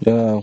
Yeah.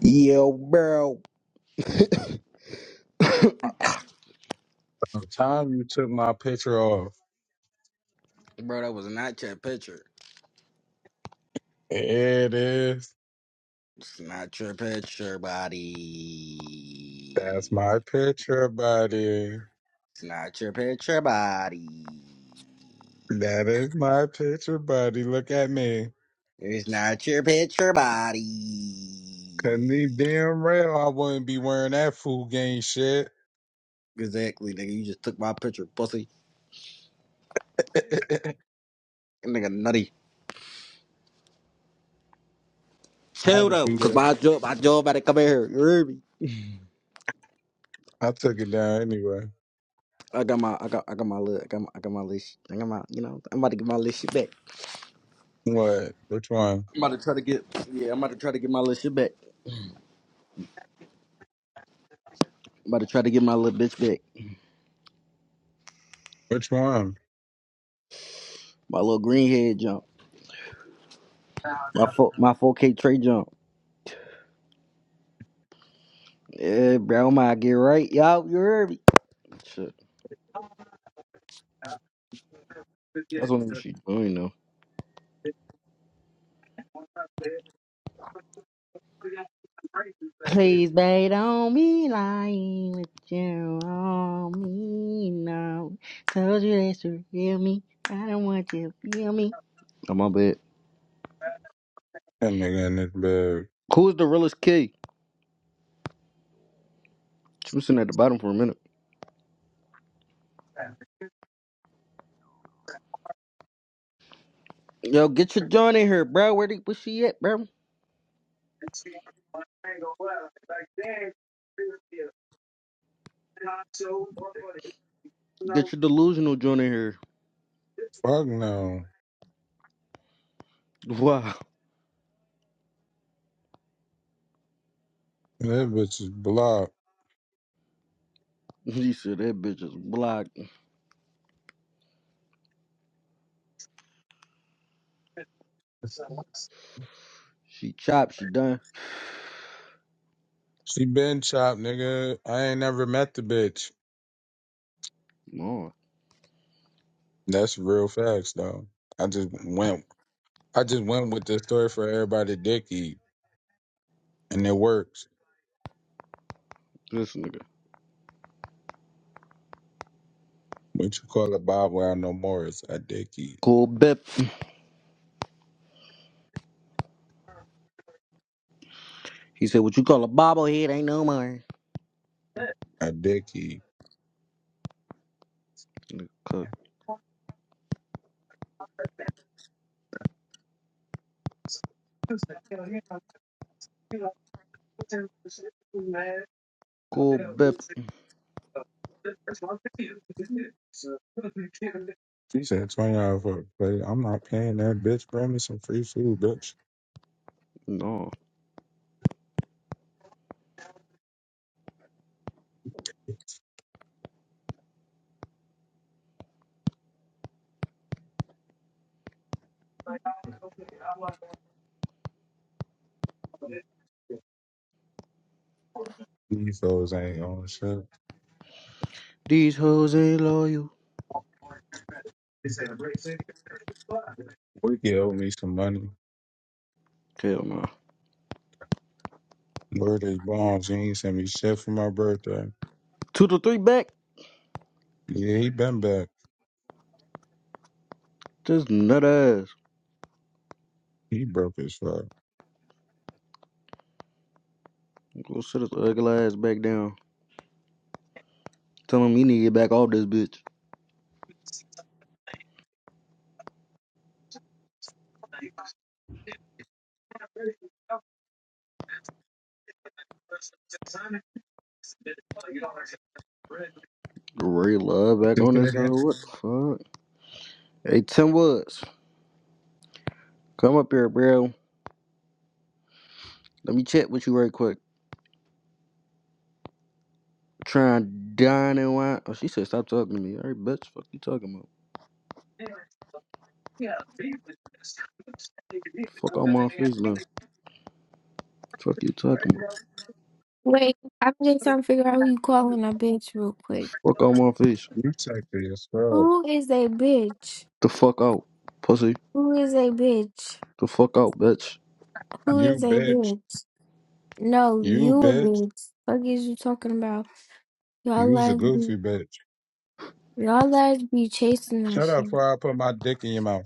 Yo, bro. bro, The time you took my picture off. that was not your picture. It is. It's not your picture, That's my body. picture, buddy. It's not your picture, body. That is my picture, buddy. Look at me. It's not your picture, body. Cause these damn real. I wouldn't be wearing that fool game shit. Exactly, nigga. You just took my picture, pussy. I'd That nigga nutty. Chill have though, do cause that. my job, my job about to come in here. You hear me? I took it down anyway. I got my, I got, I got my list. I got my, I got my list. I got my, you know, I'm about to get my list shit back. What? Which one? I'm about to try to get, yeah, I'm about to try to get my list shit back. I'm about to try to get my little bitch back. Which one? My little green head jump. My four, my 4K tray jump. Yeah, bro, I get right. y'all, you heard me. Shit. That's what she doing though. Please, babe, don't be lying with you on me now. Told you that you feel me. I don't want you to feel me. Oh, my bad. That nigga in this bed. Who's the realest kid? She was sitting at the bottom for a minute. Yo, get your joint in here, bro. Where the, where she at, bro? Get your delusional joint in here. Fuck no. Wow. That bitch is blocked. You said that bitch is blocked. She chopped, she done. She been chopped, nigga. I ain't never met the bitch. No, That's real facts, though. I just went. I just went with the story for everybody dick eat, and it works. this nigga, What you call it, Bob? Well, no more. It's a dick eat. Cool bip. He said, What you call a bobblehead ain't no more. A dick eat. nigga cook. Cool bip. She said twenty dollars for a plate. I'm not paying that bitch. Bring me some free food, bitch. No, These hoes ain't on shit. These hoes ain't loyal. We can owe me some money. hell no. Word is bombs. You ain't sent me shit for my birthday. Two to three back. Yeah, he been back. This nut ass. He broke his fuck. Go sit his ugly ass back down. Tell him he need to get back off this bitch. Ray Love back Just on hear this. Uh, that? what the fuck? Hey, Tim Woods, come up here, bro. Let me chat with you right quick. Try and dine and wine. Oh, she said, stop talking to me. All right, bitch. Fuck you talking about? Fuck all my face now. Fuck you talking about? Wait, I'm just trying to figure out who you calling a bitch real quick. Fuck out my face. You take this, fuck. Who is a bitch? The fuck out, pussy. Who is a bitch? The fuck out, bitch. Who You is a bitch. bitch? No, You you a bitch. bitch. Fuck is you talking about? Y'all You's a lads be goofy bitch. y'all lads be chasing that Shut up shit. before I put my dick in your mouth.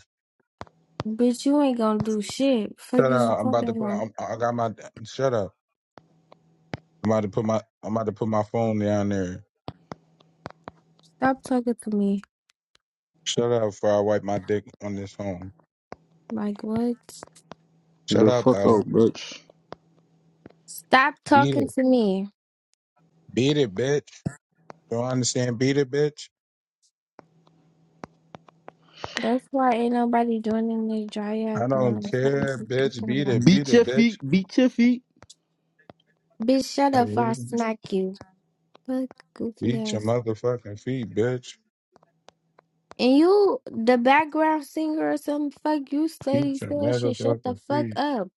Bitch, you ain't gonna do shit. Fuck Shut is you up! I'm about to talking put. about? I'm, I got my. Shut up! I'm about to put my. I'm about to put my phone down there. Stop talking to me. Shut up! Before I wipe my dick on this phone. Like what? Shut The up, fuck hoe. out, bitch. Stop Beat talking it. to me. Beat it, bitch. Don't understand. Beat it, bitch. That's why ain't nobody joining the dry ass. I don't um, care, bitch. Beat it. Beat Beat it, your bitch. feet. Beat your feet. Bitch, shut Like, up! Or I really? smack you. Fuck goofy Beat your ass. motherfucking feet, bitch. And you, the background singer or some fuck you lady Beat your saying shit. Shut the motherfucking fuck feet. up.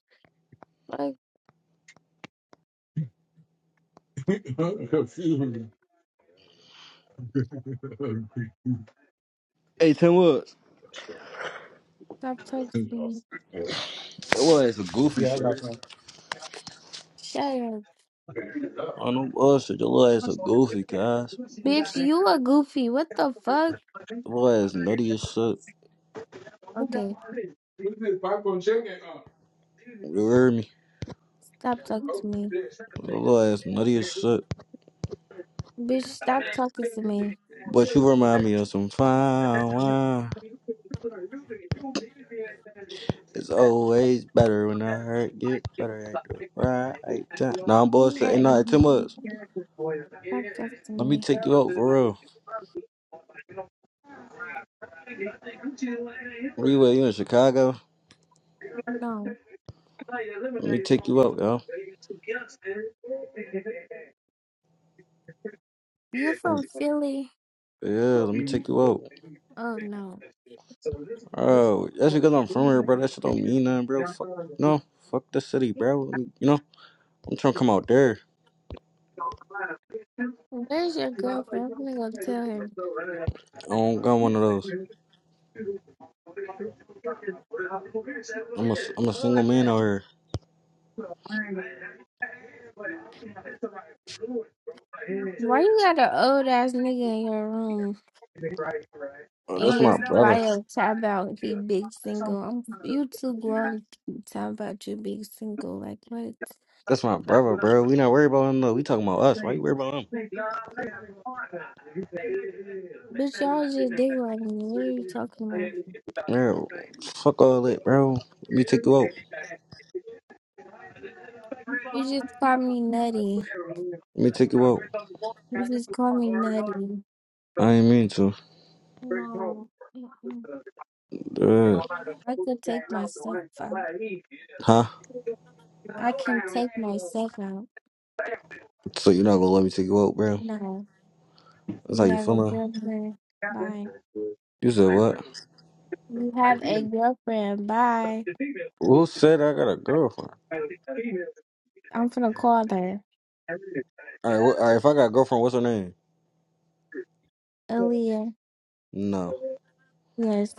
Fuck, yeah, I got Hey, ten words. stop talking to me. Your little ass a goofy shirt. some. Shut up. I know bullshit. Your little ass a goofy, guys. Bitch, you a goofy. What the fuck? Your little ass nutty as shit. Okay, Who's this popcorn chicken? You hear me? stop talking to me. Your little ass nutty as shit. Bitch, stop talking to me. But you remind me of some fine wine. It's always better when I hurt gets better at the right time. Nah, I'm You are bullshit. Ain't nothing too a- much. Stop talking to Let me me. take you out for real. Where you at? You in Chicago? No. Let me take you out, yo. You from Philly? Yeah, let me take you out. Oh no. Oh, that's because I'm from here, bro. That shit don't mean nothing, bro. Fuck no, fuck the city, bro. Let me, you know, I'm trying to come out there. Where's your girlfriend? I'm gonna go tell her. I don't got one of those. I'm a, I'm a single man out here. Why you got an old ass nigga in your room? Oh, In that's my his brother. bio talk about he big single. I'm you too grown to talk about you big single. Like what? That's my brother, bro. We not worried about him though. We talking about us. Why you worried about him? But y'all just dig like me. What are you talking about? Yeah, fuck all that, bro. Let me take you out. You just call me nutty. Let me take you out. You just call me nutty. I ain't mean to. No. Mm-mm. Uh, I could take myself out. huh? I can take myself out. So you're not gonna let me take you out, bro? No. That's You how you have a feeling? girlfriend. Bye. You said what? You have a girlfriend. Bye. Who said I got a girlfriend? I'm finna call her. All right, wh- all right. If I got a girlfriend, what's her name? Aaliyah. No, Yes.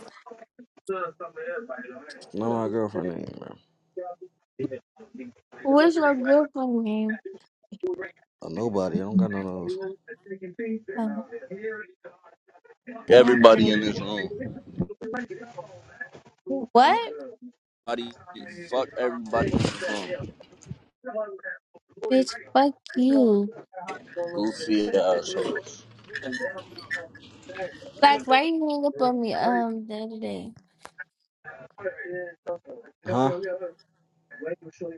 not my girlfriend name, man. What's your girlfriend name? A nobody. I don't got none of those. Oh, um, Everybody in this room. what? Everybody, fuck everybody in this room. Bitch, fuck you. Goofy assholes. Like, why you hang up on me um the other day? Huh?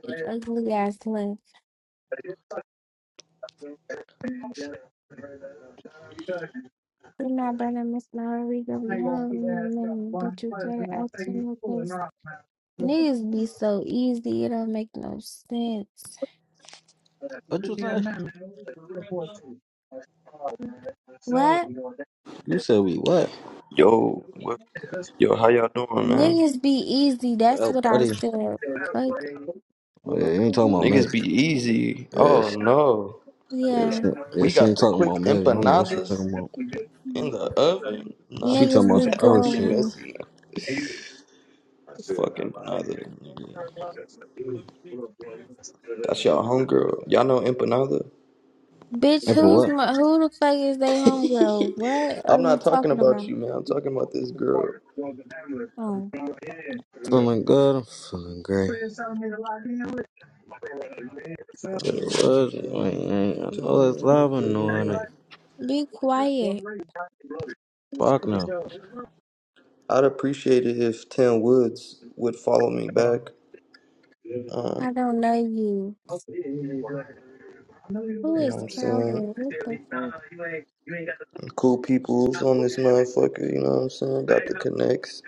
You ugly ass slut. You're not gonna miss my Rodrigo be home in a minute, but you better act to me because niggas be so easy, it don't make no sense. What you say? What? You said we what? Yo, what, yo, how y'all doing, man? Niggas be easy, that's Oh, what I buddy. said. Like, Oh, yeah, you ain't talking about me. Niggas be easy. Yeah, Oh she, no, yeah, she, yeah, yeah, we she got ain't the talking about quick me. I don't know what she empanadas talking about. in the oven. Nah, She niggas talking about be some I'm other being shit. going. messy. Now. Fuck empanada, nigga. That's y'all homegirl. Y'all know empanada. Bitch, And for who's what? my, who the fuck is they homegirl? What I'm are you not talking talking about? about you, man. I'm talking about this girl. Oh, Feeling good. I'm feeling great. Shit, it was. I, ain't- Um, I ain't- I know it's um, live, but no, it looking ain't. at- be quiet. Fuck no. I'd appreciate it if Tim Woods would follow me back. Um, I don't know you. Who you know what is I'm saying? Calvin? What the fuck? Cool people's on this motherfucker, you know what I'm saying? Got the connects.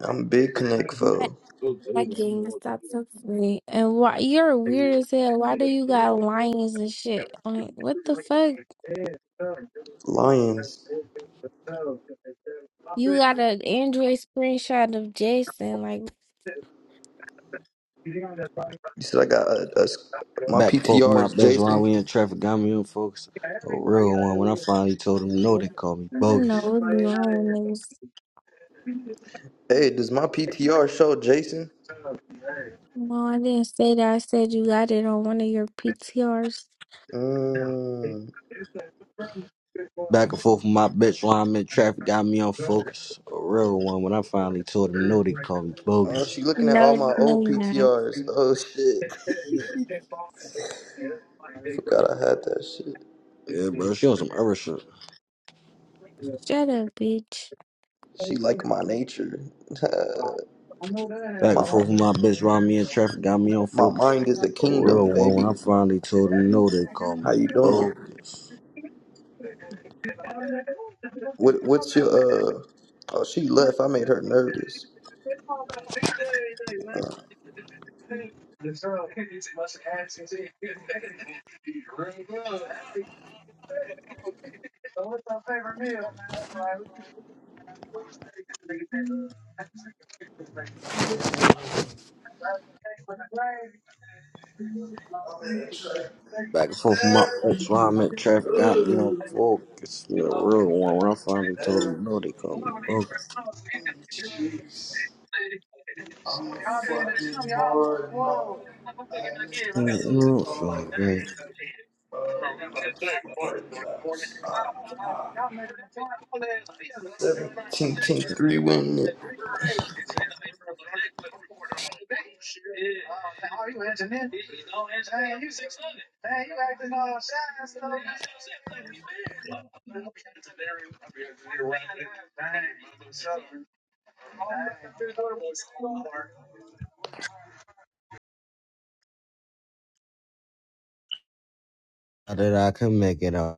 I'm a big connect That for that gang stop talking to me. And why you're weird as hell. Why do you got lions and shit? Like what the fuck? Lions. You got an Android screenshot of Jason. Like You said I got a, a s- my Back forth with PTR my is best round. Jason. We in traffic. Got me in, folks. A real one. When I finally told them no, they called me I don't know bogus. what be wrong with niggas. Hey, does my PTR show Jason? No, I didn't say that. I said you got it on one of your PTRs. Mm. Back and forth with my bitch while I'm in traffic, got me on focus. A real one. When I finally told them no, they called me Oh, bogus. she looking at all my No, no, old you're not. PTRs. Oh shit. Forgot I had that shit. Yeah, bro, she on some other shit. Shut up, bitch. She like my nature. Back and my forth with mi- my bitch while me in traffic, got me on my focus. mind is a A real kingdom, one. When baby. I finally told them no, they called How me you doing? bogus. What what's your uh? Oh, she left. I made her nervous. Uh, Back and forth with my bitch while I'm in traffic, got me on focus. A real one. When I finally told them no, they called me bogus. Mm, I don't feel great. 17 team three win. How did I could make it up.